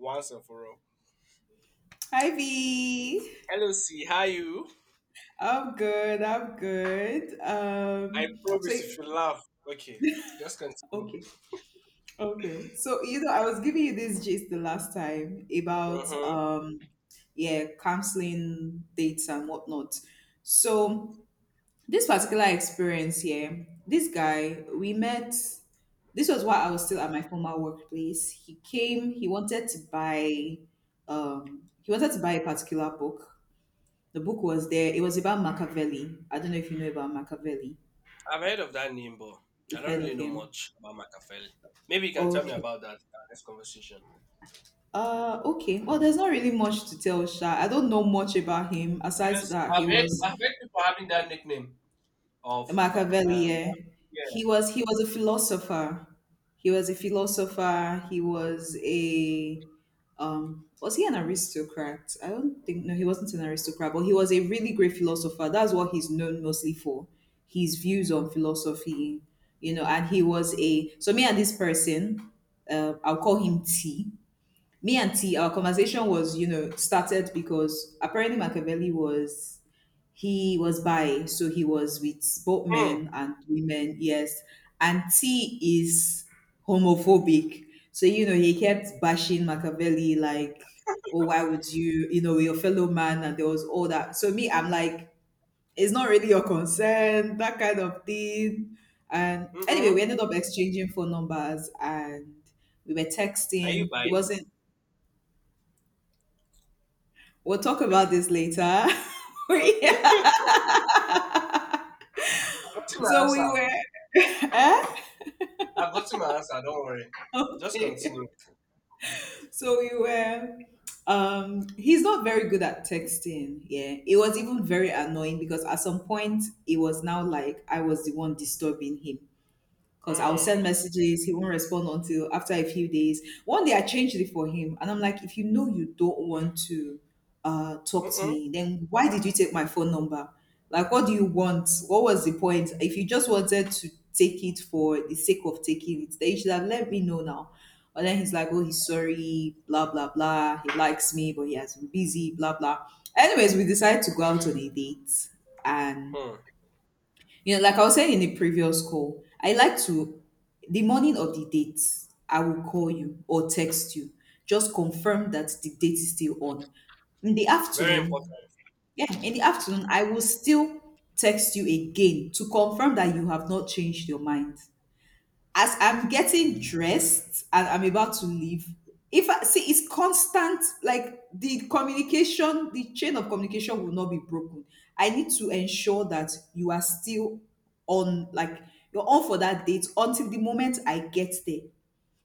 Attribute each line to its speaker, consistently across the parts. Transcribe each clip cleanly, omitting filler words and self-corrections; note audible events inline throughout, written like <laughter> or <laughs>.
Speaker 1: Once and for all.
Speaker 2: Hi V.
Speaker 1: Hello, C. How you?
Speaker 2: I'm good. I'm good.
Speaker 1: I
Speaker 2: So
Speaker 1: promise if you laugh. Okay, just continue.
Speaker 2: okay. Okay. So you know, I was giving you this gist the last time about
Speaker 1: Mm-hmm.
Speaker 2: yeah, counseling dates and whatnot. So this particular experience here, this guy we met. This was while I was still at my former workplace. He came. He wanted to buy. He wanted to buy a particular book. The book was there. It was about Machiavelli. I don't know if you know about Machiavelli.
Speaker 1: I've heard of that name, but I
Speaker 2: You've
Speaker 1: don't
Speaker 2: heard
Speaker 1: really
Speaker 2: of
Speaker 1: know
Speaker 2: him.
Speaker 1: much about Machiavelli. Maybe you can tell me
Speaker 2: Okay.
Speaker 1: about that in our next conversation.
Speaker 2: Okay. Well, there's not really much to tell, Sha. I don't know much about him. Aside to
Speaker 1: Because
Speaker 2: that, he
Speaker 1: I've heard,
Speaker 2: was
Speaker 1: I've heard people having that nickname of Mac.
Speaker 2: Machiavelli. Yeah.
Speaker 1: Yeah.
Speaker 2: He was a philosopher. He was a philosopher. He was a was he an aristocrat? I don't think, no he wasn't an aristocrat, but he was a really great philosopher. That's what he's known mostly for, his views on philosophy, you know. And he was a, so me and this person, I'll call him T. Me and T, our conversation was, you know, started because apparently Machiavelli was, he was bi, so he was with both
Speaker 1: Hmm.
Speaker 2: men and women, yes. And T is homophobic. So, you know, he kept bashing Machiavelli, like, oh, why would you, you know, your fellow man? And there was all that. So, me, I'm like, it's not really your concern, that kind of thing. And
Speaker 1: Mm-mm.
Speaker 2: anyway, we ended up exchanging phone numbers and we were
Speaker 1: Are you
Speaker 2: texting.
Speaker 1: by?
Speaker 2: He wasn't, we'll talk about this later. <laughs>
Speaker 1: Okay. <laughs> I've
Speaker 2: Yeah.
Speaker 1: gotten my
Speaker 2: So we
Speaker 1: answer.
Speaker 2: were, <laughs> eh?
Speaker 1: I've gotten my answer. Don't worry. Just continue.
Speaker 2: Okay. So we were. He's not very good at texting. Yeah, it was even very annoying because at some point it was now like I was the one disturbing him. Because I'll send
Speaker 1: Hmm.
Speaker 2: messages, he won't respond until after a few days. One day I changed it for him, and I'm like, if you know you don't want to talk to
Speaker 1: Mm-mm.
Speaker 2: me, then why did you take my phone number? Like, what do you want? What was the point? If you just wanted to take it for the sake of taking it, then you should have let me know now. But then he's like, oh, he's sorry, blah, blah, blah. He likes me, but he has been busy, blah, blah. Anyways, we decided to go out on a date and
Speaker 1: Hmm.
Speaker 2: you know, like I was saying in the previous call, I like to, the morning of the date, I will call you or text you, just confirm that the date is still on. In the
Speaker 1: Very important.
Speaker 2: afternoon, yeah, in the afternoon, I will still text you again to confirm that you have not changed your mind as I'm getting dressed and I'm about to leave, if I see it's constant, like the communication, the chain of communication will not be broken. I need to ensure that you are still on, like you're on for that date until the moment I get there.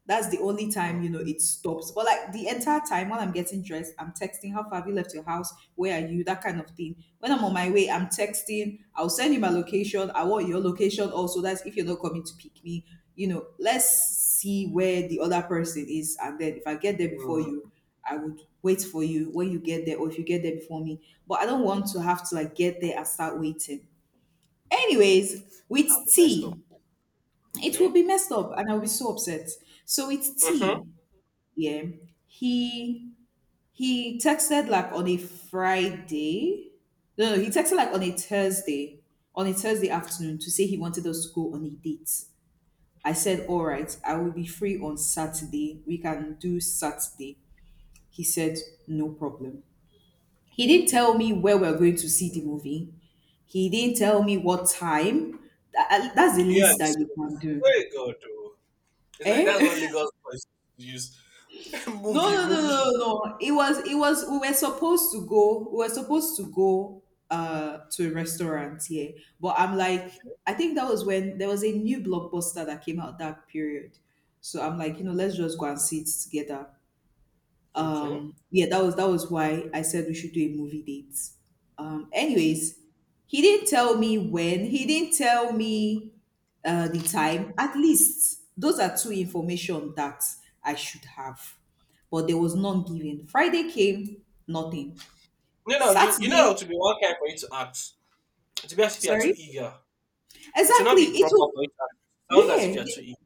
Speaker 2: That's the only
Speaker 1: Hmm.
Speaker 2: time, you know, it stops. But like the entire time while I'm getting dressed, I'm texting, how far, have you left your house? Where are you? That kind of thing. When I'm on my way, I'm texting, I'll send you my location. I want your location also. That's if you're not coming to pick me. You know, let's see where the other person is. And then if I get there before
Speaker 1: Hmm.
Speaker 2: you, I would wait for you when you get there, or if you get there before me. But I don't want to have to like get there and start waiting. Anyways, with
Speaker 1: Messed up.
Speaker 2: tea, it will
Speaker 1: Okay.
Speaker 2: be messed up and I'll be so upset. So with
Speaker 1: Mm-hmm.
Speaker 2: tea, yeah. He he texted like on a Friday. No, no, he texted like on a Thursday afternoon to say he wanted us to go on a date. I said, all right, I will be free on Saturday. We can do Saturday. He said, no problem. He didn't tell me where we're going to see the movie. He didn't tell me what time. That's the
Speaker 1: You
Speaker 2: least
Speaker 1: and this
Speaker 2: that you
Speaker 1: movie.
Speaker 2: can do.
Speaker 1: Very good. Oh. It's like that's
Speaker 2: Eh?
Speaker 1: what
Speaker 2: <laughs>
Speaker 1: Lagos boys use. <laughs>
Speaker 2: No,
Speaker 1: Movie,
Speaker 2: no, no, no,
Speaker 1: movie.
Speaker 2: no, no. It was, it was. We were supposed to go. We were supposed to go to a restaurant here, but I'm like, I think that was when there was a new blockbuster that came out that period. So I'm like, you know, let's just go and sit together,
Speaker 1: Okay.
Speaker 2: yeah, that was why I said we should do a movie date. Anyways, he didn't tell me when he didn't tell me the time, at least those are two information that I should have, but there was none given. Friday came, nothing.
Speaker 1: No, no, you know
Speaker 2: Saturday,
Speaker 1: it will be one kind for you to act. It will be as if you are too
Speaker 2: sorry,
Speaker 1: eager. It will not
Speaker 2: exactly,
Speaker 1: be
Speaker 2: it
Speaker 1: proper for
Speaker 2: was,
Speaker 1: you to act. Sound as if
Speaker 2: yeah.
Speaker 1: you are too eager.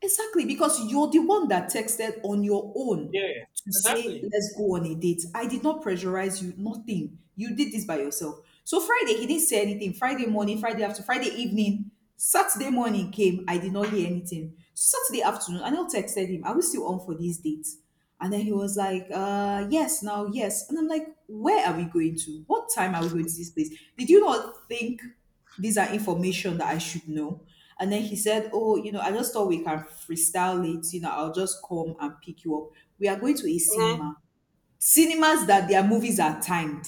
Speaker 2: Exactly, because you're the one that texted on your own
Speaker 1: Yeah,
Speaker 2: to say,
Speaker 1: exactly.
Speaker 2: let's go on a date. I did not pressurize you, nothing. You did this by yourself. So Friday, he didn't say anything. Friday morning, Friday after, Friday evening, Saturday morning came. I did not hear anything. Saturday afternoon, I now texted him, are we still on for these dates? And then he was like, yes, now, yes. And I'm like, where are we going to? What time are we going to this place? Did you not think? These are information that I should know. And then he said, oh, you know, I just thought we can freestyle it. You know, I'll just come and pick you up. We are going to a
Speaker 1: Mm-hmm.
Speaker 2: cinema. Cinemas that their movies are timed.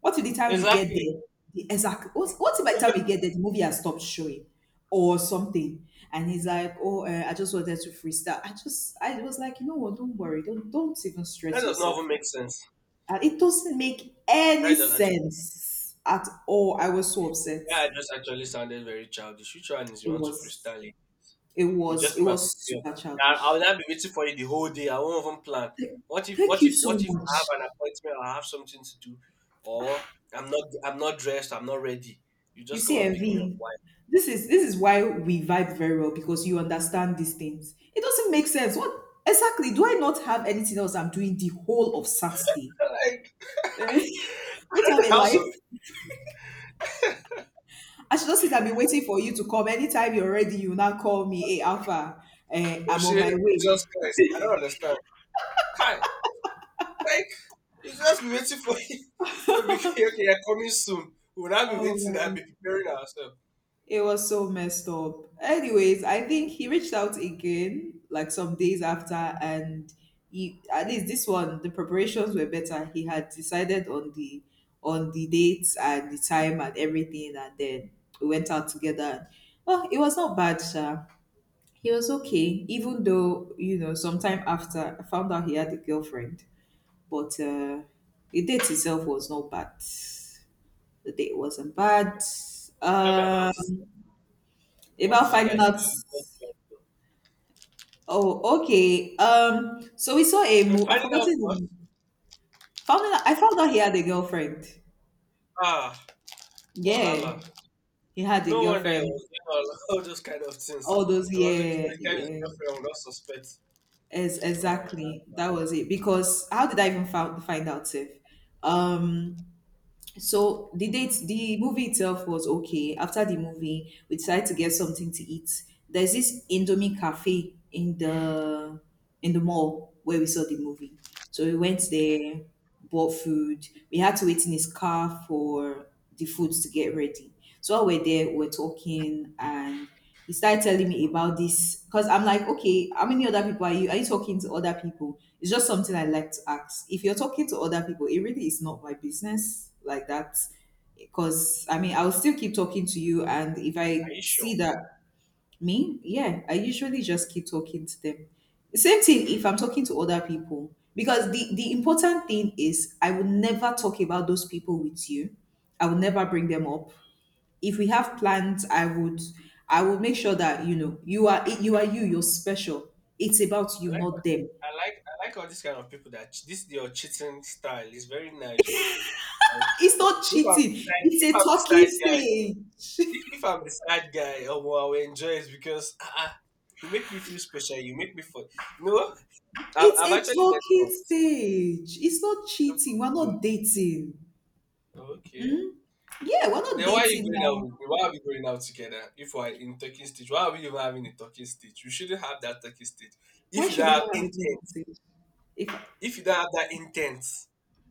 Speaker 2: What if the time we get
Speaker 1: Exactly.
Speaker 2: there? The exact what if by the time we get there, the movie has stopped showing or something? And he's like, Oh, I just wanted to freestyle. I was like, you know what, don't worry, don't even
Speaker 1: That
Speaker 2: stress
Speaker 1: does not
Speaker 2: yourself.
Speaker 1: even make sense.
Speaker 2: And it doesn't make any
Speaker 1: That does.
Speaker 2: sense at all. I was so upset.
Speaker 1: Yeah, I just actually sounded very childish. Which one is you
Speaker 2: It
Speaker 1: want to
Speaker 2: was
Speaker 1: freestyle it?
Speaker 2: It
Speaker 1: You
Speaker 2: was
Speaker 1: just
Speaker 2: it
Speaker 1: come and
Speaker 2: was
Speaker 1: pick me up.
Speaker 2: super
Speaker 1: I will
Speaker 2: childish.
Speaker 1: not be waiting for you the whole day. I won't even plan. What if
Speaker 2: Thank
Speaker 1: what
Speaker 2: you
Speaker 1: if
Speaker 2: so
Speaker 1: what if
Speaker 2: much.
Speaker 1: I have an appointment or I have something to do, or I'm not dressed, I'm not ready. You
Speaker 2: You
Speaker 1: just come
Speaker 2: see,
Speaker 1: and pick me up.
Speaker 2: MV,
Speaker 1: Why?
Speaker 2: this is why we vibe very well because you understand these things. It doesn't make sense. What exactly, do I not have anything else I'm doing the whole of Saturday?
Speaker 1: <laughs> Like
Speaker 2: Eh? <laughs> Not
Speaker 1: I don't
Speaker 2: have a
Speaker 1: have
Speaker 2: life.
Speaker 1: some
Speaker 2: I should just sit and be waiting for you to come. Anytime you're ready, you now call me, hey Alpha, eh,
Speaker 1: people
Speaker 2: I'm on
Speaker 1: say
Speaker 2: my way.
Speaker 1: Jesus Christ. I don't understand. Hi. Like we'll just be waiting for you. <laughs> They'll be, okay, okay, you're coming soon. We'll not be
Speaker 2: Oh
Speaker 1: waiting,
Speaker 2: my.
Speaker 1: I'll be preparing ourselves.
Speaker 2: It was so messed up. Anyways,
Speaker 1: And,
Speaker 2: I think he reached out again, like some days after, and he, at least this one the preparations were better. He had decided on the, on the dates and the time and everything, and then we went out together. And, oh, it was not bad, Sha. He was okay, even though you know sometime after I found out he had a girlfriend, but the date itself was not bad. The date wasn't
Speaker 1: mm,
Speaker 2: bad.
Speaker 1: tell me about it.
Speaker 2: Um
Speaker 1: What
Speaker 2: about
Speaker 1: did you
Speaker 2: finding
Speaker 1: guys
Speaker 2: out.
Speaker 1: eat? What did you guys
Speaker 2: Oh, okay. So we saw a
Speaker 1: do? And
Speaker 2: movie. I
Speaker 1: finding
Speaker 2: forgot
Speaker 1: out
Speaker 2: his
Speaker 1: what?
Speaker 2: name. Found out, I found out he had a girlfriend.
Speaker 1: Ah, Wahala.
Speaker 2: Yeah, he had a
Speaker 1: No wonder I
Speaker 2: girlfriend.
Speaker 1: was doing all, <laughs> all those kind of things.
Speaker 2: All those,
Speaker 1: I was looking for
Speaker 2: yeah,
Speaker 1: the kind of
Speaker 2: yeah.
Speaker 1: girlfriend I would not suspect.
Speaker 2: As
Speaker 1: Nah,
Speaker 2: exactly
Speaker 1: are
Speaker 2: that was it. Because how did I even find out if? Um, so the date, the movie itself was okay. After the movie we decided to get something to eat. There's this indomie cafe in the, in the mall where we saw the movie. So we went there, bought food. We had to wait in his car for the food to get ready. So while we're there we're talking, and he started telling me about this because I'm like, okay, how many other people are you? Are you talking to other people? It's just something I like to ask. If you're talking to other people, it really is not my business like that. Because I mean, I'll still keep talking to you, and if
Speaker 1: you
Speaker 2: I
Speaker 1: sure?
Speaker 2: see that me, yeah, I usually just keep talking to them. Same thing if I'm
Speaker 1: Okay.
Speaker 2: talking to other people, because the important thing is I will never talk about those people with you. I will never bring them up. If we have plans, I would make sure that, you know, you are, you are, you're special. It's about
Speaker 1: I
Speaker 2: you,
Speaker 1: like,
Speaker 2: not them.
Speaker 1: I like all these kind of people that this your cheating style is very nice. Oh. Like,
Speaker 2: It's not cheating, it's
Speaker 1: if
Speaker 2: a
Speaker 1: I'm the
Speaker 2: talking
Speaker 1: side guy,
Speaker 2: stage.
Speaker 1: if,
Speaker 2: <laughs>
Speaker 1: if I'm the side guy, oh, well, I will enjoy it because you make me feel special. You make me feel. You know, I've,
Speaker 2: It's
Speaker 1: I've
Speaker 2: a
Speaker 1: actually met
Speaker 2: talking
Speaker 1: some.
Speaker 2: stage, it's not cheating, we're not dating.
Speaker 1: Okay.
Speaker 2: Yeah, we're not
Speaker 1: Then why are you
Speaker 2: dating
Speaker 1: going out?
Speaker 2: now.
Speaker 1: Me? Why are we going out together? If we're in talking stage, why are we even having a talking stage? You shouldn't have that talking stage. If
Speaker 2: Why
Speaker 1: you don't
Speaker 2: should we
Speaker 1: have
Speaker 2: not have a talking
Speaker 1: intent,
Speaker 2: stage if,
Speaker 1: if you don't have that intent,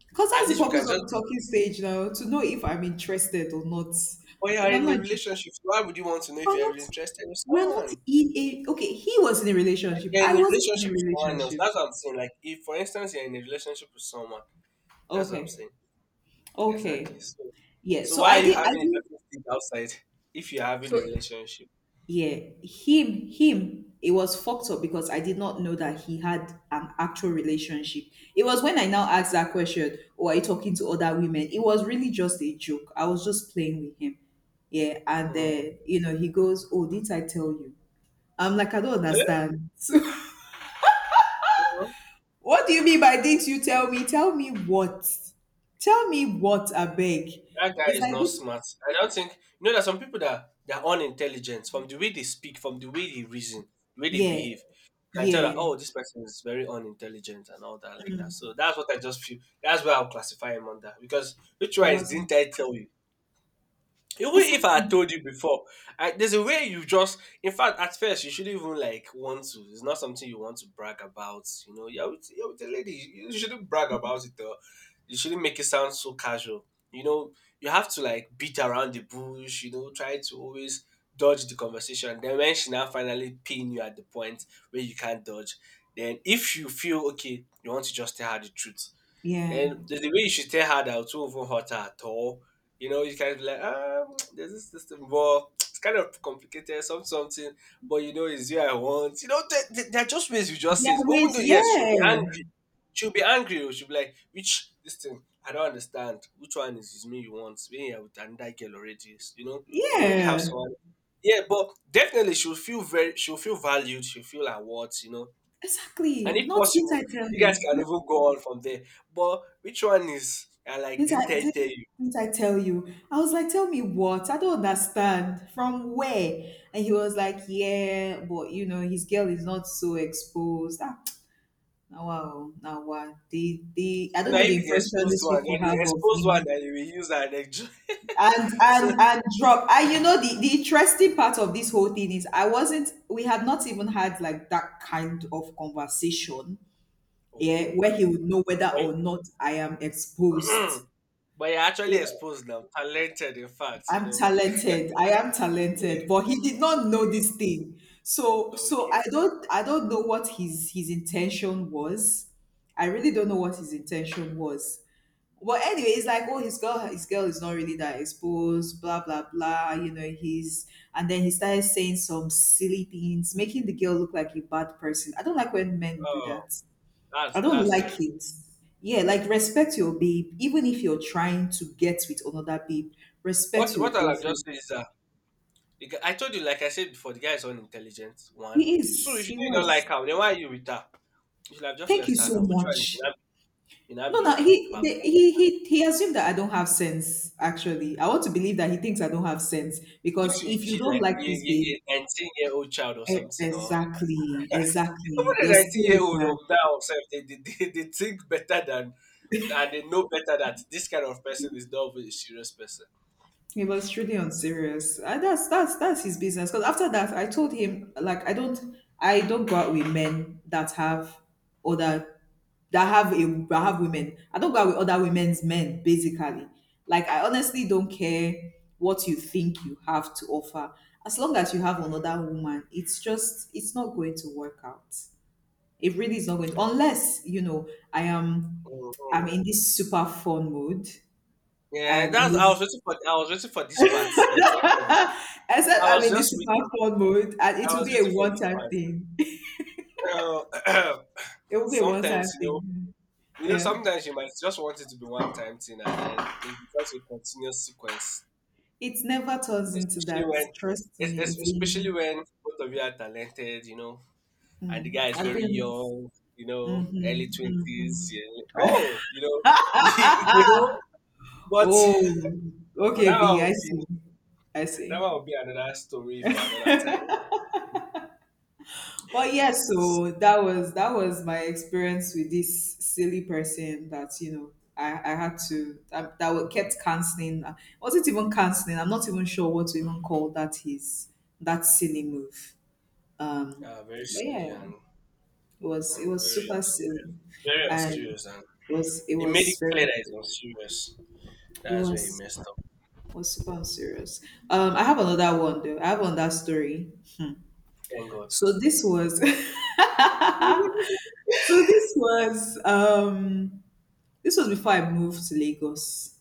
Speaker 2: because that's
Speaker 1: at
Speaker 2: the
Speaker 1: least we can
Speaker 2: purpose of
Speaker 1: just
Speaker 2: the
Speaker 1: be.
Speaker 2: talking stage now, to know if I'm interested or not.
Speaker 1: When
Speaker 2: If
Speaker 1: you're
Speaker 2: I'm
Speaker 1: in a
Speaker 2: not
Speaker 1: relationship, why would you want to know if
Speaker 2: we're
Speaker 1: you're
Speaker 2: not
Speaker 1: interested in
Speaker 2: we're not
Speaker 1: someone?
Speaker 2: in a, okay, he was in a relationship,
Speaker 1: You're
Speaker 2: I
Speaker 1: in a
Speaker 2: wasn't in
Speaker 1: relationship
Speaker 2: a
Speaker 1: with someone else.
Speaker 2: relationship.
Speaker 1: That's what I'm saying. Like, if for instance you're in a relationship with someone, that's what I'm
Speaker 2: Okay.
Speaker 1: saying.
Speaker 2: Okay.
Speaker 1: Exactly. So,
Speaker 2: Yeah.
Speaker 1: so
Speaker 2: So
Speaker 1: why
Speaker 2: I
Speaker 1: are you
Speaker 2: did I
Speaker 1: having a
Speaker 2: did
Speaker 1: talking stage outside if you're having
Speaker 2: so
Speaker 1: a relationship?
Speaker 2: yeah, him it was fucked up because I did not know that he had an actual relationship. It was when I now asked that question, or are you talking to other women? It was really just a joke. I was just playing with him. Yeah, and
Speaker 1: Mm.
Speaker 2: you know, he goes, "Oh, did I tell you?" I'm like, "I don't
Speaker 1: Eh,
Speaker 2: understand."
Speaker 1: no.
Speaker 2: <laughs> What do you mean by didn't you tell me? Tell me what? Tell me what, I beg.
Speaker 1: That guy
Speaker 2: It's
Speaker 1: is
Speaker 2: like,
Speaker 1: not
Speaker 2: "Did-
Speaker 1: smart. I don't think you know. There's some people that they are unintelligent from the way they speak, from the way they reason, the way they
Speaker 2: yeah,
Speaker 1: behave. You can tell
Speaker 2: yeah.
Speaker 1: that oh, this person is very unintelligent and all that like that. So that's what I just feel. That's where I'll classify him under, because which
Speaker 2: He
Speaker 1: one is
Speaker 2: was
Speaker 1: didn't I tell you? Even if I had
Speaker 2: exactly.
Speaker 1: told you before, there's a way you just. In fact, at first you shouldn't even like want to. It's not something you want to brag about. You know, you're with a lady. You shouldn't brag about it. Or you shouldn't make it sound so casual. You know, you have to like beat around the bush. You know, try to always dodge the conversation. Then when she now finally pin you at the point where you can't dodge, then if you feel okay, you want to just tell her the truth.
Speaker 2: Yeah.
Speaker 1: Then there's the way you should tell her that it won't even hurt her at all. You know, you can be like, there's this system, but it's kind of complicated, some something, but you know, it's you I want. You know, there are just ways you just
Speaker 2: There
Speaker 1: say, it.
Speaker 2: are
Speaker 1: Even
Speaker 2: ways.
Speaker 1: though, yes, she'll be
Speaker 2: Yeah.
Speaker 1: angry. She'll be angry. Oh, she'll be like, which, this thing, I don't understand. Which one is me you want? Me, I with another girl already. You know, you already have
Speaker 2: Yeah.
Speaker 1: someone, yeah, but definitely she'll feel valued, she'll feel like what, you know. And
Speaker 2: Exactly.
Speaker 1: if
Speaker 2: Not did
Speaker 1: possible,
Speaker 2: I tell
Speaker 1: you guys
Speaker 2: you?
Speaker 1: can even go on from there. But which one is I like
Speaker 2: did I,
Speaker 1: didn't I
Speaker 2: did,
Speaker 1: tell you?
Speaker 2: did I tell you? I was like, "Tell me what? I don't understand. From where?" And he was like, "Yeah, but you know, his girl is not so exposed." Ah, <tsk> now, wow. Now, what? I
Speaker 1: So
Speaker 2: don't
Speaker 1: now
Speaker 2: know
Speaker 1: you
Speaker 2: the
Speaker 1: be the
Speaker 2: impression
Speaker 1: exposed
Speaker 2: these
Speaker 1: one,
Speaker 2: people
Speaker 1: then you
Speaker 2: have of
Speaker 1: exposed one
Speaker 2: me.
Speaker 1: that you will use and enjoy.
Speaker 2: and
Speaker 1: <laughs> So
Speaker 2: and and drop. And you know, the interesting part of this whole thing is I wasn't we had not even had like that kind of conversation, yeah, where he
Speaker 1: oh,
Speaker 2: would know whether or not I am
Speaker 1: but,
Speaker 2: exposed.
Speaker 1: <clears throat> but you're actually
Speaker 2: Yeah,
Speaker 1: exposed now. Talented in fact, you
Speaker 2: I'm
Speaker 1: know.
Speaker 2: talented, I am
Speaker 1: Yeah,
Speaker 2: talented, but he did not know this thing. so
Speaker 1: okay.
Speaker 2: so
Speaker 1: Okay.
Speaker 2: I don't know what his intention was. I really don't know what his intention was. But anyway, it's like, "Oh, his girl is not really that exposed, blah blah blah." You know, he's and then he started saying some silly things, making the girl look like a bad person. I don't like when men do
Speaker 1: Oh,
Speaker 2: that.
Speaker 1: that's
Speaker 2: I don't
Speaker 1: that's
Speaker 2: like
Speaker 1: terrible.
Speaker 2: it. Yeah, like respect your babe, even if you're trying to get with another babe. Respect
Speaker 1: What
Speaker 2: your
Speaker 1: what I'll have just
Speaker 2: girlfriend.
Speaker 1: said is that I told you, like I said before, the guy is unintelligent. One.
Speaker 2: He
Speaker 1: So
Speaker 2: is.
Speaker 1: if you
Speaker 2: He
Speaker 1: know you don't like
Speaker 2: was.
Speaker 1: her, then why are you with her? You should have just
Speaker 2: Thank you
Speaker 1: left her
Speaker 2: so
Speaker 1: now. Which one is you
Speaker 2: much.
Speaker 1: now you now
Speaker 2: No,
Speaker 1: be
Speaker 2: no,
Speaker 1: like
Speaker 2: he
Speaker 1: back.
Speaker 2: the, he assumed that I don't have sense. Actually, I want to believe that he thinks I don't have sense, because
Speaker 1: Usually a
Speaker 2: if you
Speaker 1: kid
Speaker 2: don't
Speaker 1: like
Speaker 2: like
Speaker 1: a, a,
Speaker 2: this babe,
Speaker 1: a 19-year-old child or
Speaker 2: e-
Speaker 1: something, or
Speaker 2: exactly,
Speaker 1: <laughs>
Speaker 2: exactly,
Speaker 1: even
Speaker 2: you're
Speaker 1: a 19
Speaker 2: still
Speaker 1: year
Speaker 2: with
Speaker 1: old
Speaker 2: her.
Speaker 1: of now self, they think better than, and they know better that this kind of person is not even a serious person.
Speaker 2: He was truly unserious. That's his business. Because after that, I told him like I don't, I don't go out with men that have other, that have a that have women. I don't go out with other women's men, basically. Like, I honestly don't care what you think you have to offer. As long as you have another woman, it's just it's not going to work out. It really is not going to,
Speaker 1: Um,
Speaker 2: unless, you know, I am,
Speaker 1: mm,
Speaker 2: I'm
Speaker 1: mm.
Speaker 2: in this super fun mood.
Speaker 1: Yeah,
Speaker 2: I'm in
Speaker 1: that's I was
Speaker 2: this,
Speaker 1: waiting for I was waiting for this part, but everybody.
Speaker 2: <laughs> except
Speaker 1: I
Speaker 2: I'm
Speaker 1: was
Speaker 2: in this
Speaker 1: just
Speaker 2: super
Speaker 1: waiting.
Speaker 2: fun mood and
Speaker 1: I
Speaker 2: it will
Speaker 1: was
Speaker 2: be a
Speaker 1: waiting for this
Speaker 2: one-time
Speaker 1: part.
Speaker 2: thing. <laughs>
Speaker 1: Uh, <coughs> <clears throat>
Speaker 2: It will be a one-time
Speaker 1: sometimes
Speaker 2: thing.
Speaker 1: you know
Speaker 2: Yeah.
Speaker 1: sometimes you might just want it to be one time thing, and then it becomes a continuous sequence.
Speaker 2: It never turns into
Speaker 1: Especially
Speaker 2: that.
Speaker 1: when
Speaker 2: Trust
Speaker 1: es-
Speaker 2: me.
Speaker 1: es-
Speaker 2: It's
Speaker 1: especially
Speaker 2: been,
Speaker 1: when both of you are talented, you know, and the guy is
Speaker 2: I've
Speaker 1: very
Speaker 2: been,
Speaker 1: young, you
Speaker 2: hmm,
Speaker 1: know, early
Speaker 2: hmm.
Speaker 1: twenties. Yeah. Oh, <laughs> you know, but
Speaker 2: Oh,
Speaker 1: but
Speaker 2: okay,
Speaker 1: that one
Speaker 2: B, I
Speaker 1: will be
Speaker 2: see. I
Speaker 1: that
Speaker 2: see.
Speaker 1: one will be another story for another time.
Speaker 2: But yes,
Speaker 1: It's,
Speaker 2: so that was my experience with this silly person that, you know, I had to, that kept canceling. Was it even canceling? I'm not even sure what to even call that silly move. Um,
Speaker 1: very
Speaker 2: but yeah,
Speaker 1: silly, and
Speaker 2: it was it
Speaker 1: and
Speaker 2: was super silly,
Speaker 1: very
Speaker 2: and
Speaker 1: unserious, and
Speaker 2: it was it
Speaker 1: it made it
Speaker 2: was
Speaker 1: clear that it's
Speaker 2: very,
Speaker 1: unserious.
Speaker 2: it
Speaker 1: That's where he
Speaker 2: was
Speaker 1: messed up.
Speaker 2: was super serious. I have another one though. I have another story.
Speaker 1: Thank God.
Speaker 2: So this was
Speaker 1: <laughs>
Speaker 2: <laughs> so this was before I moved to Lagos.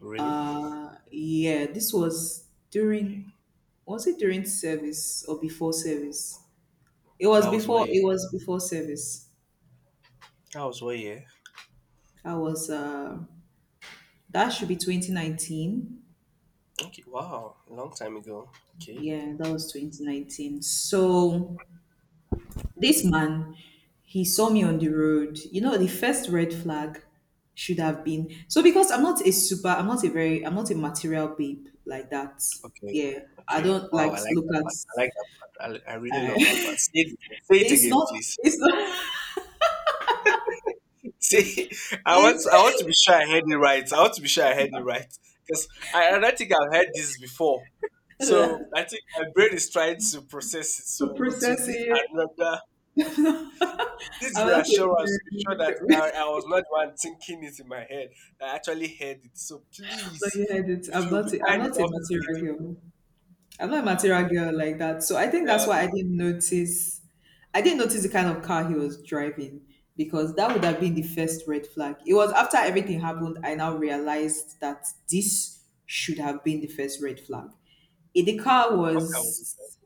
Speaker 1: Really?
Speaker 2: Yeah, this was
Speaker 1: Okay.
Speaker 2: during, was it during service or before service?
Speaker 1: That was what year.
Speaker 2: It was before service.
Speaker 1: That was what year.
Speaker 2: I was that should be 2019.
Speaker 1: Okay, wow, a long time ago. Okay,
Speaker 2: Yeah, that was 2019. So this man, he saw me on the road. You know, the first red flag should have been, so because I'm not a material babe like that.
Speaker 1: okay,
Speaker 2: Yeah, I
Speaker 1: okay.
Speaker 2: don't
Speaker 1: Wow,
Speaker 2: like
Speaker 1: I
Speaker 2: to
Speaker 1: like
Speaker 2: look
Speaker 1: that
Speaker 2: at.
Speaker 1: part. I like that part. I really
Speaker 2: Uh,
Speaker 1: love that part. Say
Speaker 2: <laughs>
Speaker 1: it
Speaker 2: it's
Speaker 1: again,
Speaker 2: not.
Speaker 1: please.
Speaker 2: It's not.
Speaker 1: <laughs> Say, I want to be
Speaker 2: It's
Speaker 1: sure I heard it right. I want to be sure I heard it right, because I don't think I've heard this before.
Speaker 2: <laughs>
Speaker 1: So
Speaker 2: to
Speaker 1: I think my brain is trying to process it. So oh, to
Speaker 2: process
Speaker 1: need
Speaker 2: it.
Speaker 1: another this
Speaker 2: I'm not
Speaker 1: reassurance to be
Speaker 2: a. <laughs>
Speaker 1: sure that I was not the one thinking it in my head. I actually heard it. So
Speaker 2: No,
Speaker 1: please,
Speaker 2: you heard it.
Speaker 1: if
Speaker 2: I'm
Speaker 1: you'll be
Speaker 2: not. A, I'm
Speaker 1: kind
Speaker 2: not a
Speaker 1: enough to say it
Speaker 2: material
Speaker 1: again.
Speaker 2: girl. I'm not a
Speaker 1: Wow.
Speaker 2: material girl like that. So I think that's
Speaker 1: Yeah,
Speaker 2: why I didn't notice, I didn't notice the kind of car he was driving, because that would have been the first red flag. It was after everything happened I now realized that this should have been the first red flag. Eh, the car
Speaker 1: what car was it?
Speaker 2: was,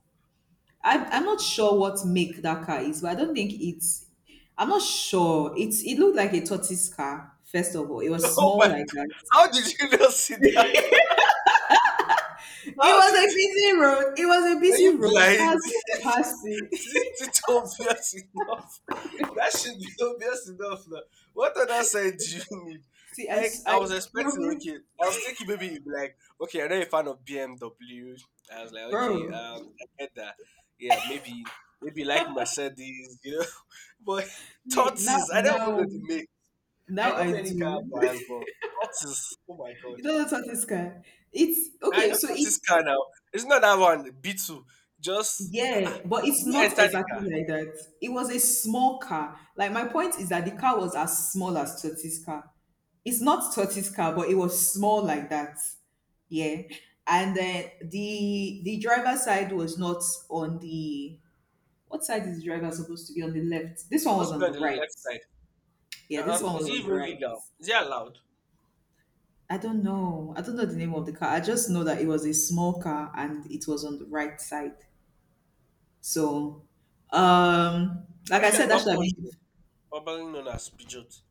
Speaker 2: I'm not sure what make that car is, but I don't think it's, I'm not sure. It's, it looked like a tortoise car, first of all. It
Speaker 1: <laughs>
Speaker 2: was
Speaker 1: Oh
Speaker 2: small
Speaker 1: my!
Speaker 2: like that.
Speaker 1: How did you not see that? <laughs>
Speaker 2: It
Speaker 1: How
Speaker 2: was a
Speaker 1: did?
Speaker 2: busy road. It was a
Speaker 1: Were
Speaker 2: busy
Speaker 1: you
Speaker 2: road.
Speaker 1: blind?
Speaker 2: Cars were
Speaker 1: <laughs>
Speaker 2: passing.
Speaker 1: Is it too obvious enough? <laughs> That should be <laughs> obvious enough now. What other side do you <laughs> need? Like I
Speaker 2: I
Speaker 1: was expecting.
Speaker 2: promise,
Speaker 1: Okay, I was thinking maybe you'd be like, okay, I'm not a fan of BMW. I was like, okay,
Speaker 2: bro.
Speaker 1: I get that. Yeah, maybe like Mercedes, you know. <laughs> But
Speaker 2: See,
Speaker 1: Tortoise, I don't even know the make. I
Speaker 2: now
Speaker 1: know
Speaker 2: I
Speaker 1: many car
Speaker 2: do.
Speaker 1: brands,
Speaker 2: <laughs>
Speaker 1: but Tortoise. Oh my God.
Speaker 2: You don't know what this guy. It's
Speaker 1: I
Speaker 2: okay.
Speaker 1: know
Speaker 2: So
Speaker 1: not this
Speaker 2: it's,
Speaker 1: car now. It's not that one. B two. Just
Speaker 2: yeah,
Speaker 1: ah.
Speaker 2: but it's
Speaker 1: You
Speaker 2: not
Speaker 1: enter the car.
Speaker 2: exactly like that. It was a small car. Like, my point is that the car was as small as Totti's car. It's not Totti's car, but it was small like that. Yeah, and then the driver's side was not on the what side is the driver supposed to be on, the left? This
Speaker 1: It's
Speaker 2: one
Speaker 1: supposed
Speaker 2: was
Speaker 1: to be
Speaker 2: on
Speaker 1: on
Speaker 2: the
Speaker 1: the
Speaker 2: right.
Speaker 1: left side.
Speaker 2: Yeah, this one
Speaker 1: Uh-uh. Is
Speaker 2: was
Speaker 1: it
Speaker 2: on the
Speaker 1: even
Speaker 2: right.
Speaker 1: legal? Is it allowed?
Speaker 2: I don't know. I don't know the name of the car. I just know that it was a small car and it was on the right side. So,
Speaker 1: I
Speaker 2: like
Speaker 1: you
Speaker 2: I
Speaker 1: sure it's
Speaker 2: said, that
Speaker 1: not
Speaker 2: should have been.
Speaker 1: Peugeot? Probably known as Peugeot.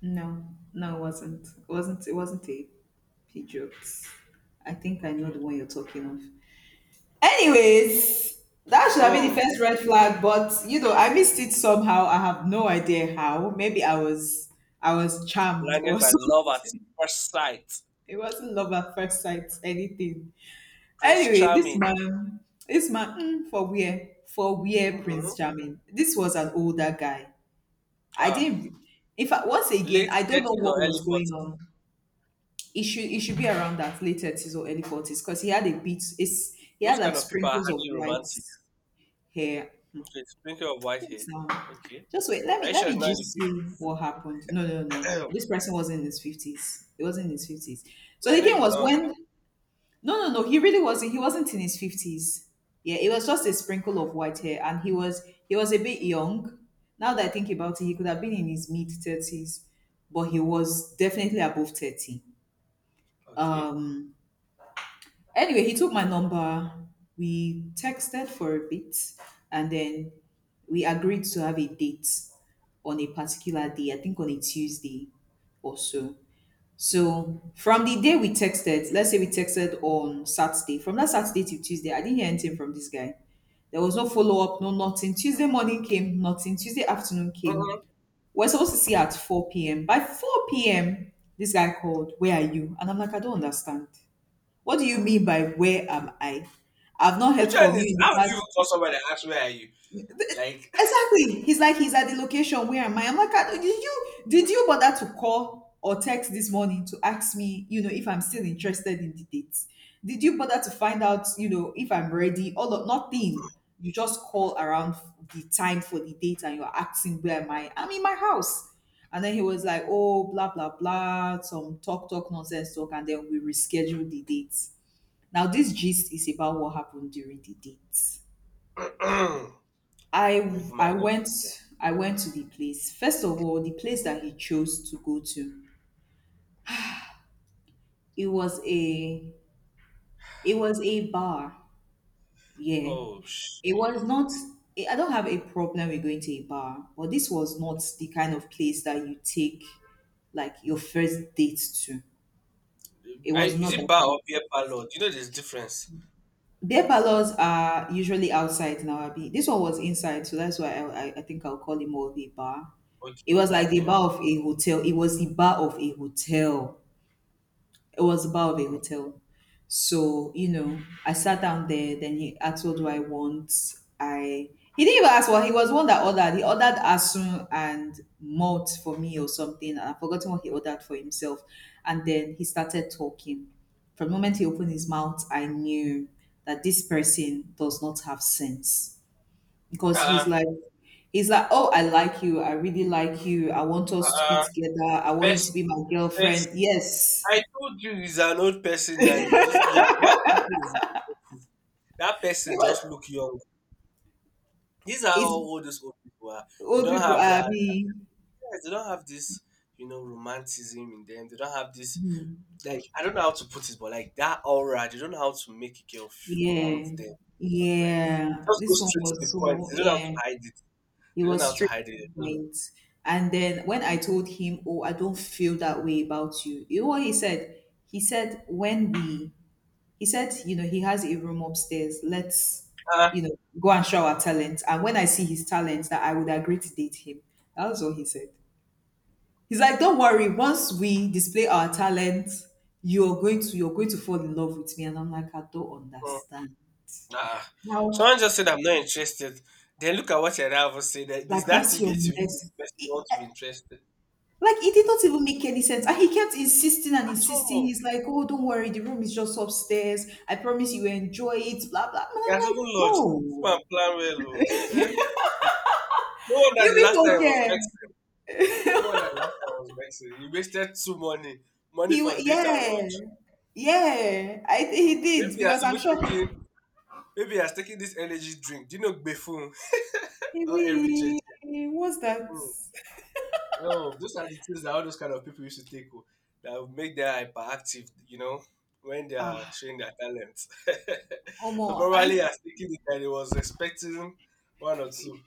Speaker 2: No, no, it wasn't. It wasn't. It wasn't a Peugeot. I think I know
Speaker 1: Okay.
Speaker 2: the one you're talking of.
Speaker 1: Okay.
Speaker 2: Anyways, that should have been the
Speaker 1: Hmm.
Speaker 2: first red flag, but you know, I missed it somehow. I have no idea how. Maybe I was, I was charmed
Speaker 1: Blinded
Speaker 2: or <laughs>
Speaker 1: by love at
Speaker 2: something.
Speaker 1: first sight.
Speaker 2: It wasn't love at first sight, anything.
Speaker 1: Prince
Speaker 2: Anyway,
Speaker 1: Charming.
Speaker 2: this man, mm, for where Prince
Speaker 1: Mm-mm.
Speaker 2: Charming. This was an older guy. I
Speaker 1: Ah.
Speaker 2: didn't. In fact, once again,
Speaker 1: Late
Speaker 2: I don't know
Speaker 1: thirties
Speaker 2: what
Speaker 1: or early
Speaker 2: was going
Speaker 1: forties.
Speaker 2: on. It should be around that late thirties or early forties because he had a bit. It's, he
Speaker 1: Those
Speaker 2: had
Speaker 1: kind
Speaker 2: like
Speaker 1: of people are
Speaker 2: sprinkles of
Speaker 1: hardly
Speaker 2: white
Speaker 1: romantic.
Speaker 2: hair.
Speaker 1: Okay. It's plenty of white
Speaker 2: Wait
Speaker 1: hair.
Speaker 2: now,
Speaker 1: Okay.
Speaker 2: just wait. Let
Speaker 1: Are
Speaker 2: me
Speaker 1: you
Speaker 2: let
Speaker 1: sure
Speaker 2: me
Speaker 1: in
Speaker 2: just
Speaker 1: the
Speaker 2: see what happened. No, no, no.
Speaker 1: fifties? <coughs>
Speaker 2: This person was in his fifties. He was in his fifties. So
Speaker 1: <clears throat> I
Speaker 2: the
Speaker 1: know
Speaker 2: thing
Speaker 1: you
Speaker 2: was
Speaker 1: know.
Speaker 2: when, no, no, no. He really wasn't. He wasn't in his fifties. Yeah, it was just a sprinkle of white hair, and he was a bit young. Now that I think about it, he could have been in his mid thirties, but he was definitely above thirty.
Speaker 1: Okay.
Speaker 2: Anyway, he took my number. We texted for a bit, and then we agreed to have a date on a particular day. I think on a Tuesday or so. So from the day we texted, let's say we texted on Saturday, from that Saturday till Tuesday, I didn't hear anything from this guy. There was no follow up, no nothing. Tuesday morning came, nothing. Tuesday afternoon came.
Speaker 1: Mm-mm.
Speaker 2: We're supposed to see at 4 p.m. By 4 p.m., this guy called, "Where are you?" And I'm like, "I don't understand. What do you mean by where am I? I've not heard
Speaker 1: Which one
Speaker 2: from you
Speaker 1: is?
Speaker 2: in the
Speaker 1: How would you even
Speaker 2: past"
Speaker 1: call somebody and ask where are you? Like,
Speaker 2: Exactly. He's like, he's at the location. "Where am I?" I'm like, "Ah, did you, did you bother to call or text this morning to ask me, you know, if I'm still interested in the date? Did you bother to find out, you know, if I'm ready? All of nothing. You just call around the time for the date and you're asking where am I? I'm in my house." And then he was like, "Oh, blah, blah, blah," some talk, talk, nonsense talk, and then we reschedule the date. Now, this gist is about what happened during the date.
Speaker 1: <clears throat> let me
Speaker 2: I
Speaker 1: put my
Speaker 2: I
Speaker 1: ear.
Speaker 2: went I went to the place. First of all, the place that he chose to go to, it was a it was a bar. Yeah.
Speaker 1: Oh
Speaker 2: It was
Speaker 1: shit!
Speaker 2: not, I don't have a problem with going to a bar, but this was not the kind of place that you take like your first date to. It
Speaker 1: I,
Speaker 2: was
Speaker 1: is
Speaker 2: not
Speaker 1: it
Speaker 2: that
Speaker 1: bar
Speaker 2: kind
Speaker 1: or
Speaker 2: of
Speaker 1: beer
Speaker 2: place.
Speaker 1: parlor? Do you know there's difference?
Speaker 2: Beer parlors are usually outside now. Abi. This one was inside, so that's why I think I'll call it more of a bar. It
Speaker 1: Okay,
Speaker 2: was like the
Speaker 1: okay.
Speaker 2: bar of a hotel. It was the bar of a hotel. It was the bar of a
Speaker 1: Hmm.
Speaker 2: hotel. So, you know, I sat down there, then he asked what do I want. I he didn't even ask, what he was one that ordered. He ordered asun and malt for me or something. And I've forgotten what he ordered for himself. And then he started talking. From the moment he opened his mouth, I knew that this person does not have sense. Because
Speaker 1: Uh,
Speaker 2: he's like, "Oh, I like you, I really like you, I want us to be
Speaker 1: uh,
Speaker 2: together, I want you
Speaker 1: First,
Speaker 2: to be my girlfriend."
Speaker 1: first.
Speaker 2: Yes.
Speaker 1: I told you he's an old person, and you are the one thinking he's expensive. That person just look young. These are how
Speaker 2: It's
Speaker 1: old these old people are. They
Speaker 2: old
Speaker 1: don't
Speaker 2: people
Speaker 1: have
Speaker 2: are
Speaker 1: that.
Speaker 2: being,
Speaker 1: Yes, they don't have this, romanticism in them. They don't have this,
Speaker 2: hmm,
Speaker 1: like I don't know how to put it, but like that aura, they don't know how to make a girl want
Speaker 2: yeah,
Speaker 1: them. Something like
Speaker 2: yeah.
Speaker 1: just go
Speaker 2: This one
Speaker 1: straight to
Speaker 2: was
Speaker 1: the point.
Speaker 2: so,
Speaker 1: They don't know how to
Speaker 2: yeah,
Speaker 1: hide it.
Speaker 2: he
Speaker 1: They don't know
Speaker 2: was
Speaker 1: how to
Speaker 2: straight
Speaker 1: hide
Speaker 2: to
Speaker 1: it.
Speaker 2: the
Speaker 1: They're just
Speaker 2: point. And then when I told him, "Oh, I don't feel that way about you," you know what he said? He said, "When we," he said, you know, he has a room upstairs, let's,
Speaker 1: like,
Speaker 2: you know, go and show our talent. And when I see his talent, that I would agree to date him. That was what he said. He's like, don't worry, once we display our talent, you're going to fall in love with me. And I'm like, I don't
Speaker 1: ah, mm,
Speaker 2: understand.
Speaker 1: ah.
Speaker 2: How,
Speaker 1: Someone just said I'm not interested. Then look at what your rival said. That is
Speaker 2: like
Speaker 1: that to
Speaker 2: that's your
Speaker 1: get you the
Speaker 2: next
Speaker 1: person you
Speaker 2: it-
Speaker 1: want to be interested
Speaker 2: like it did not even make any sense. And he kept insisting and
Speaker 1: at
Speaker 2: insisting.
Speaker 1: all.
Speaker 2: He's like, oh, don't worry, the room is just upstairs. I promise you will enjoy it, blah blah. And
Speaker 1: He
Speaker 2: I'm
Speaker 1: has even
Speaker 2: like,
Speaker 1: lodged. This man
Speaker 2: bro,
Speaker 1: plan well. Oh. Eh, eh. No wonder
Speaker 2: you
Speaker 1: the last
Speaker 2: people
Speaker 1: time was
Speaker 2: care.
Speaker 1: vexed. No wonder the last time was vexed. He wasted two money, money for date and
Speaker 2: Yeah.
Speaker 1: lunch.
Speaker 2: Yeah, he
Speaker 1: Maybe
Speaker 2: did
Speaker 1: he has
Speaker 2: because I'm
Speaker 1: even
Speaker 2: sure.
Speaker 1: taken. Maybe I was taking this energy drink. Do you know Gbefun
Speaker 2: Hey,
Speaker 1: or every jet?
Speaker 2: wait, what's that?
Speaker 1: Oh, those are the things that all those kind of people used to take oh, that would make them hyperactive, you know, when they are
Speaker 2: Ah,
Speaker 1: showing their talents. <laughs> So
Speaker 2: Omo,
Speaker 1: probably
Speaker 2: I
Speaker 1: I was thinking that he was expecting one or 2.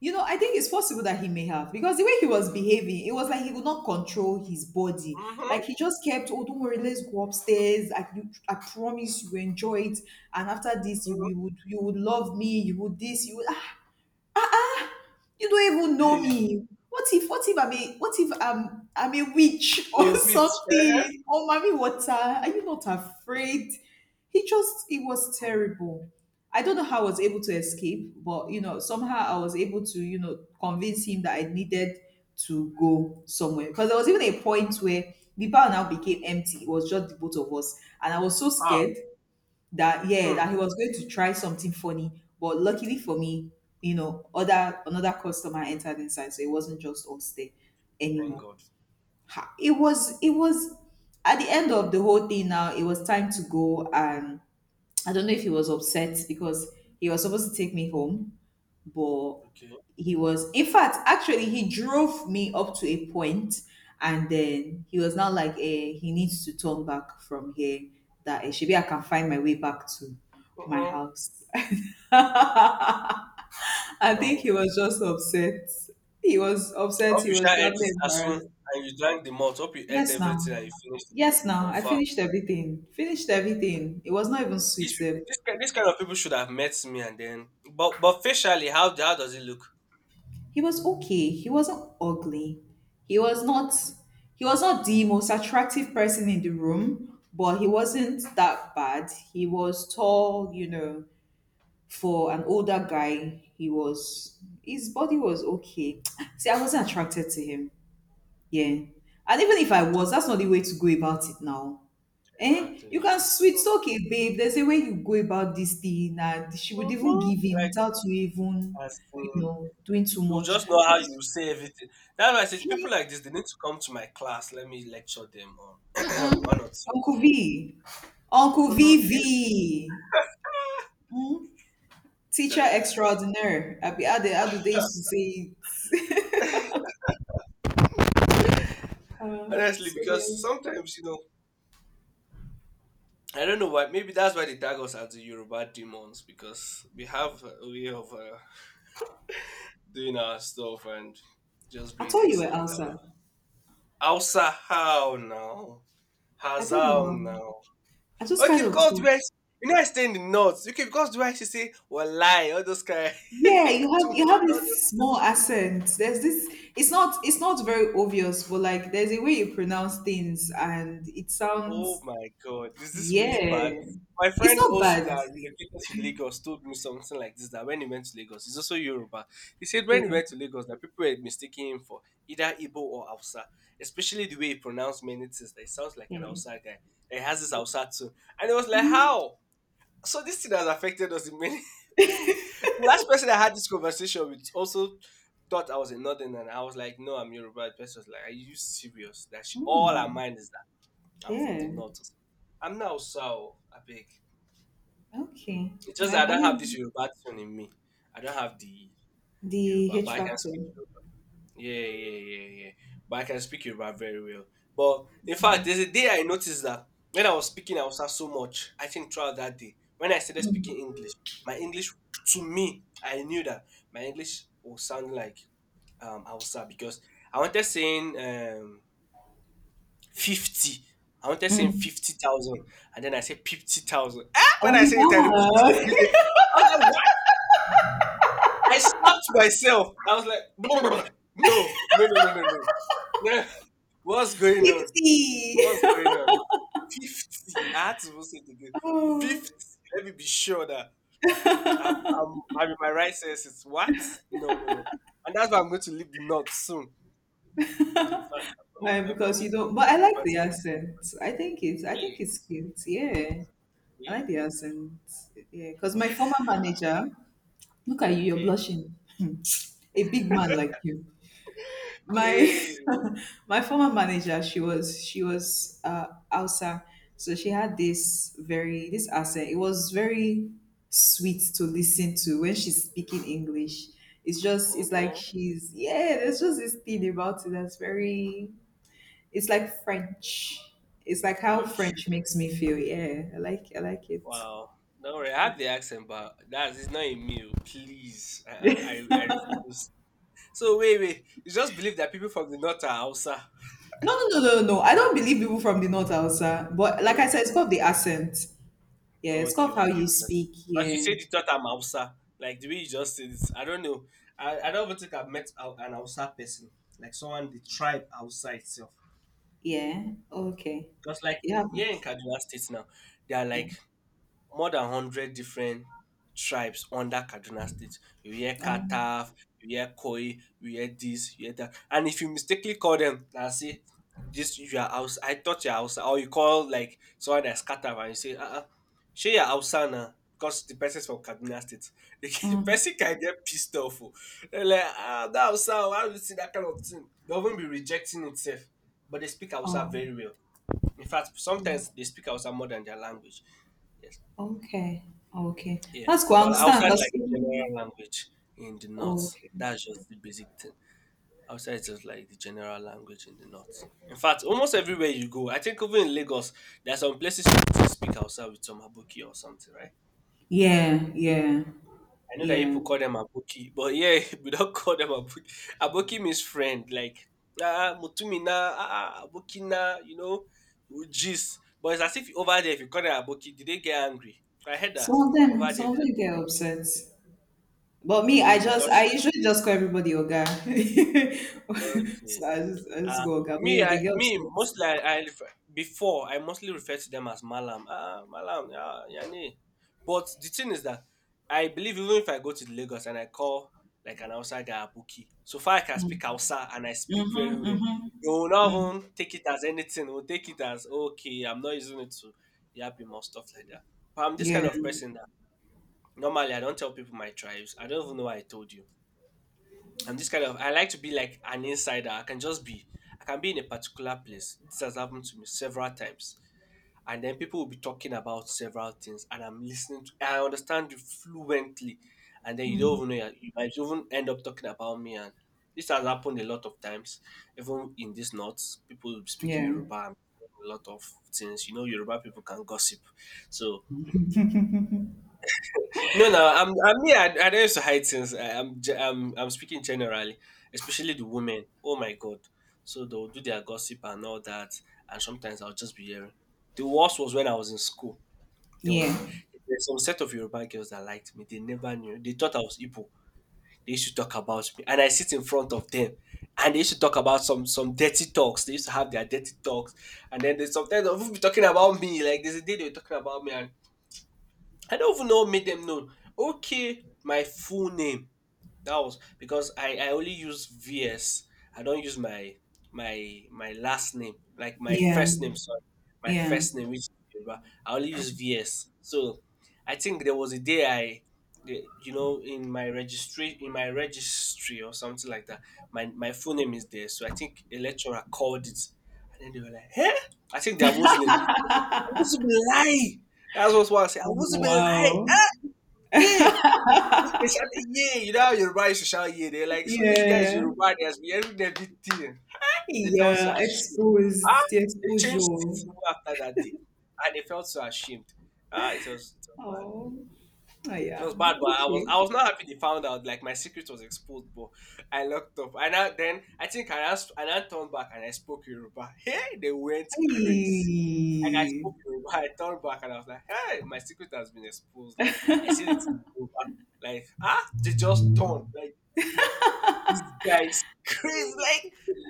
Speaker 2: you know, I think it's possible that he may have because the way he was behaving, it was like he could not control his body.
Speaker 1: Mm-hmm.
Speaker 2: Like he just kept, oh, don't worry, let's go upstairs. I promise you will enjoy it, and after this,
Speaker 1: Hmm.
Speaker 2: you would love me. You would this. You would. You don't even know
Speaker 1: Hey,
Speaker 2: me. What if I'm a what if I'm I'm a witch <laughs> or
Speaker 1: you bitch. Uh-huh.
Speaker 2: something? Or mommy water? Are you not afraid? He just it was terrible. I don't know how I was able to escape, but you know, somehow I was able to, you know, convince him that I needed to go somewhere. Because there was even a point where the bar now became empty. It was just the both of us. And I was so
Speaker 1: Ah,
Speaker 2: scared that, yeah,
Speaker 1: hmm.
Speaker 2: that he was going to try something funny, but luckily for me, you know, other another customer entered inside, so it wasn't just us there
Speaker 1: Thank
Speaker 2: anymore.
Speaker 1: God.
Speaker 2: It was, at the end of the whole thing now, it was time to go. And I don't know if he was upset because he was supposed to take me home, but
Speaker 1: Okay.
Speaker 2: he was in fact actually he drove me up to a point, and then he was now like, eh, he needs to turn back from here, that eh, maybe I can find my way back to my
Speaker 1: Mm-mm.
Speaker 2: house. <laughs> I think
Speaker 1: No.
Speaker 2: he was just upset.
Speaker 1: I hope
Speaker 2: He
Speaker 1: you
Speaker 2: was
Speaker 1: shall ate it
Speaker 2: probably
Speaker 1: as soon
Speaker 2: embarrassed.
Speaker 1: and you drank the malt. Hope you ate
Speaker 2: yes now
Speaker 1: everything and you finished.
Speaker 2: yes now I
Speaker 1: Confirm.
Speaker 2: finished everything. Finished everything. It was not even sweet
Speaker 1: These people,
Speaker 2: sef.
Speaker 1: this, this kind of people should have met me and then, but facially, how does it look?
Speaker 2: He was okay. He wasn't ugly. He was not he was not the most attractive person in the room, but he wasn't that bad. He was tall, you know, for an older guy. He was his body was okay. <tsk> See, I wasn't attracted to him. Yeah. And even if I was, that's not the way to go about it now. Eh? You can
Speaker 1: Exactly.
Speaker 2: sweet talk it, babe. There's a way you go about this thing, and she would even
Speaker 1: Hmm.
Speaker 2: give him
Speaker 1: Like
Speaker 2: without you even,
Speaker 1: as in,
Speaker 2: doing too
Speaker 1: you
Speaker 2: much.
Speaker 1: just know
Speaker 2: But
Speaker 1: how you
Speaker 2: it's
Speaker 1: say everything. That's why I said people like this they need to come to my class. Let me lecture them on <clears throat> one or 2.
Speaker 2: Uncle V. Uncle V,
Speaker 1: Mhm. Yes.
Speaker 2: V. Hmm? Teacher extraordinaire. I be, how, they, how do they used to say it? <laughs> Uh,
Speaker 1: Honestly,
Speaker 2: so
Speaker 1: because
Speaker 2: yes.
Speaker 1: sometimes you know I don't know why. Maybe that's why they tag us as the Yoruba demons because we have a way of doing our stuff and just
Speaker 2: I
Speaker 1: being
Speaker 2: thought you were
Speaker 1: excellent at what.
Speaker 2: outside.
Speaker 1: Hausa, how now?
Speaker 2: I don't know.
Speaker 1: Hassle now.
Speaker 2: I just
Speaker 1: Okay,
Speaker 2: kind of
Speaker 1: because do I,
Speaker 2: thought.
Speaker 1: you know I stay in the north. Okay, because do I should say lie all those kind.
Speaker 2: Yeah,
Speaker 1: <laughs> Kutumba,
Speaker 2: you have
Speaker 1: all those.
Speaker 2: this small accent. There's this, it's not very obvious, but like there's a way you pronounce things and it
Speaker 1: Oh
Speaker 2: sounds,
Speaker 1: my god, is this really
Speaker 2: yeah.
Speaker 1: bad? My
Speaker 2: It's
Speaker 1: friend
Speaker 2: not
Speaker 1: also
Speaker 2: bad.
Speaker 1: that relocated to Lagos told me something like this, that when he went to Lagos, he's also Yoruba. He said when he
Speaker 2: Yeah.
Speaker 1: went to Lagos that people were mistaking him for either Igbo or Hausa, especially the way he pronounced many things. That he sounds like an
Speaker 2: Yeah.
Speaker 1: Hausa guy. That he has this Hausa too, and it was like
Speaker 2: Mm,
Speaker 1: how. So this thing has affected us in many. The last person I had this conversation with also thought I was a northern, and I was like, "No, I'm Yoruba." The person was like, "Are you serious?" That she, all her
Speaker 2: mm,
Speaker 1: mind is that I'm from the
Speaker 2: yeah.
Speaker 1: north. I'm not Osao, I beg.
Speaker 2: Okay.
Speaker 1: It's just
Speaker 2: I,
Speaker 1: that I
Speaker 2: I
Speaker 1: don't have this
Speaker 2: mean,
Speaker 1: Yoruba thing in me. I don't have the
Speaker 2: the
Speaker 1: Yoruba, but
Speaker 2: H
Speaker 1: I can
Speaker 2: factor.
Speaker 1: speak. Yeah, yeah, yeah, yeah. But I can speak Yoruba very well. But in fact, there's a day I noticed that when I was speaking I was so much. I think throughout that day, when I started speaking English, my English, to me, I knew that my English will sound like Hausa because I wanted saying 50. I wanted saying
Speaker 2: Mm.
Speaker 1: 50,000, and then I said 50,000. Ah, when
Speaker 2: Oh
Speaker 1: I said it, I repeated it
Speaker 2: my God.
Speaker 1: immediately. I was like, what? I slapped myself. I was like, <laughs> no, no, no, no, no, no. No. <laughs> What's
Speaker 2: <laughs>
Speaker 1: going on?
Speaker 2: 50.
Speaker 1: What's
Speaker 2: <laughs>
Speaker 1: going on? 50. I had to say it again.
Speaker 2: Oh,
Speaker 1: 50. Let me be sure that I'm in my right senses. What? No, no, no. And that's why I'm going to leave the north soon. In fact, I'm coming.
Speaker 2: why?
Speaker 1: I'm
Speaker 2: Because
Speaker 1: coming.
Speaker 2: you
Speaker 1: I'm
Speaker 2: don't. But I
Speaker 1: coming
Speaker 2: like
Speaker 1: over
Speaker 2: the
Speaker 1: to you.
Speaker 2: accent. I think it's, I think
Speaker 1: Really?
Speaker 2: it's cute. Yeah, I
Speaker 1: Okay.
Speaker 2: like the accent. Yeah, because my former manager. Look at you. You're
Speaker 1: Okay.
Speaker 2: blushing. <laughs> A big man like you. My
Speaker 1: Hey.
Speaker 2: <laughs> my former manager, she was Hausa. So she had this very this accent. It was very sweet to listen to when she's speaking English. It's like
Speaker 1: Mm.
Speaker 2: she's yeah, there's just this thing about it that's very, it's like French. It's like how
Speaker 1: Okay.
Speaker 2: French makes me feel. Yeah, I like it.
Speaker 1: Wow. Don't worry. I have the accent, but that's it's not in me. Oh. Please. I refuse. So wait, wait. You just believe that people from the north are Hausa?
Speaker 2: No, I don't believe people from the north Hausa. But like I said, it's
Speaker 1: Okay.
Speaker 2: called the accent, yeah. It's
Speaker 1: Okay.
Speaker 2: called how
Speaker 1: Okay.
Speaker 2: you
Speaker 1: Because
Speaker 2: speak,
Speaker 1: as you
Speaker 2: yeah.
Speaker 1: said, you thought I'm Hausa. Like the way you just said this. I don't know. I don't even think I've met an Hausa person. Like someone the tribe Hausa itself.
Speaker 2: Yeah, okay.
Speaker 1: Because like
Speaker 2: You
Speaker 1: here in
Speaker 2: haven't.
Speaker 1: Kaduna State now, there are
Speaker 2: Yeah.
Speaker 1: like more than 100 different tribes under Kaduna State. You hear
Speaker 2: Um,
Speaker 1: Kataf, you hear Koi, you hear this, you hear that. And if you mistakenly call them and say this you are house, I thought you're house, or you call like someone that's Kataf and you say, shey you're Hausa now. Because the person's from Kaduna State, <laughs> the
Speaker 2: mm,
Speaker 1: person can get pissed off. Oh. They're like, ah, that Hausa, oh, why how you see that kind of thing? They'll even be rejecting itself. But they speak Hausa
Speaker 2: oh,
Speaker 1: very well. In fact, sometimes they speak Hausa more than their language. Yes.
Speaker 2: okay. Okay.
Speaker 1: Yes,
Speaker 2: That's cool. I
Speaker 1: but
Speaker 2: understand
Speaker 1: outside
Speaker 2: because,
Speaker 1: like general language in the north,
Speaker 2: okay.
Speaker 1: that's just the basic thing. Outside it's just like the general language in the north. In fact, almost everywhere you go, I think even in Lagos, there are some places you still speak outside with some Aboki or something, right?
Speaker 2: Yeah, yeah,
Speaker 1: I know that
Speaker 2: yeah.
Speaker 1: people call them Aboki, but yeah, <laughs> we don't call them Aboki. Aboki means friend, like ah Mutumina, ah ah, Abokina, you know, jeez. But it's as if over there, if you call them Aboki, did they get angry? I heard that
Speaker 2: Some of
Speaker 1: over
Speaker 2: them,
Speaker 1: there, they-
Speaker 2: get upset. But me, I
Speaker 1: because
Speaker 2: usually just call everybody Oga. <laughs>
Speaker 1: okay.
Speaker 2: So I just
Speaker 1: Uh,
Speaker 2: go Oga. But
Speaker 1: me,
Speaker 2: yeah, they
Speaker 1: I
Speaker 2: get
Speaker 1: me
Speaker 2: upset.
Speaker 1: mostly I mostly refer to them as Malam. Ah, Malam, yeah, yani. But the thing is that I believe even if I go to Lagos and I call like an outside guy Abuki, so far I can speak Hausa and I speak very
Speaker 2: Mm-hmm,
Speaker 1: well.
Speaker 2: mm-hmm.
Speaker 1: You will not even take it as anything. Will take it as okay. I'm not using it to yap him or stuff like that. But I'm this
Speaker 2: Yeah,
Speaker 1: kind of person that normally I don't tell people my tribes. I don't even know why I told you. I'm this kind of I like to be like an insider. I can be in a particular place. This has happened to me several times. And then people will be talking about several things and I'm listening to I understand you fluently. And then you don't even know you might even end up talking about me, and this has happened a lot of times. Even in this north, people speak
Speaker 2: yeah,
Speaker 1: Yoruba and a lot of things. You know, Yoruba people can gossip. So no, no, I don't used to hide things. I'm speaking generally, especially the women. Oh my god! So they'll do their gossip and all that, and sometimes I'll just be hearing. The worst was when I was in school. There was
Speaker 2: yeah,
Speaker 1: there's some set of Yoruba girls that liked me. They never knew. They thought I was Igbo. They used to talk about me, and I sit in front of them, and they used to talk about some dirty talks. They used to have their dirty talks, and then they sometimes they'll be talking about me. Like there's a day they were talking about me, and I don't even know made them know. Okay, my full name. That was because I only use VS. I don't use my last name, like my
Speaker 2: yeah,
Speaker 1: first name. Sorry, my
Speaker 2: yeah.
Speaker 1: first name, which is Yoruba. I only use VS. So I think there was a day I, you know, in my registry or something like that. My full name is there. So I think a lecturer called it, and then they were like, "Hey, I think they're Muslim." I must be lie. That's what I say. I
Speaker 2: Oh,
Speaker 1: wasn't be lie.
Speaker 2: wow.
Speaker 1: Yeah. They shouted, yeah, you know how Yoruba used to shout, yeah. They're like, so this guy is
Speaker 2: Yeah,
Speaker 1: Yoruba, he has been hearing everything. They felt so
Speaker 2: yeah,
Speaker 1: ashamed. Ah,
Speaker 2: exposed, the
Speaker 1: they
Speaker 2: exposure.
Speaker 1: changed it
Speaker 2: Oh,
Speaker 1: even after that day. And they felt so ashamed. Ah, it was bad.
Speaker 2: oh
Speaker 1: It
Speaker 2: yeah.
Speaker 1: was bad, but
Speaker 2: Okay.
Speaker 1: I was not happy they found out. Like my secret was exposed, but I locked up. And I, then I think I asked and I turned back and I spoke Yoruba. Hey, they went crazy. Like I
Speaker 2: Hey.
Speaker 1: spoke to him, <laughs> I turned back and I was like, "Hey, my secret has been exposed." Like I see it in Yoruba. Like ah, they just turned. Like this guy is <laughs> crazy. Like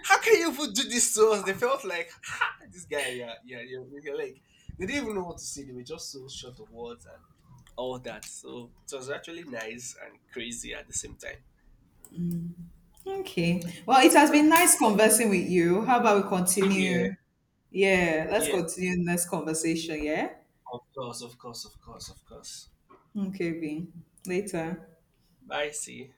Speaker 1: how can you even do this to us? They felt like ah, this guy. Yeah, yeah, yeah, yeah, yeah." Like they didn't even know what to say. They were just so short of words and all that. So it was actually nice and crazy at the same time.
Speaker 2: Okay. Well, it has
Speaker 1: So
Speaker 2: been nice conversing with you. How about we
Speaker 1: same
Speaker 2: continue?
Speaker 1: year.
Speaker 2: Yeah, let's
Speaker 1: Yeah,
Speaker 2: continue next conversation, yeah?
Speaker 1: of course, of course, of course, of course.
Speaker 2: Okay, Vin. Later.
Speaker 1: Bye. See.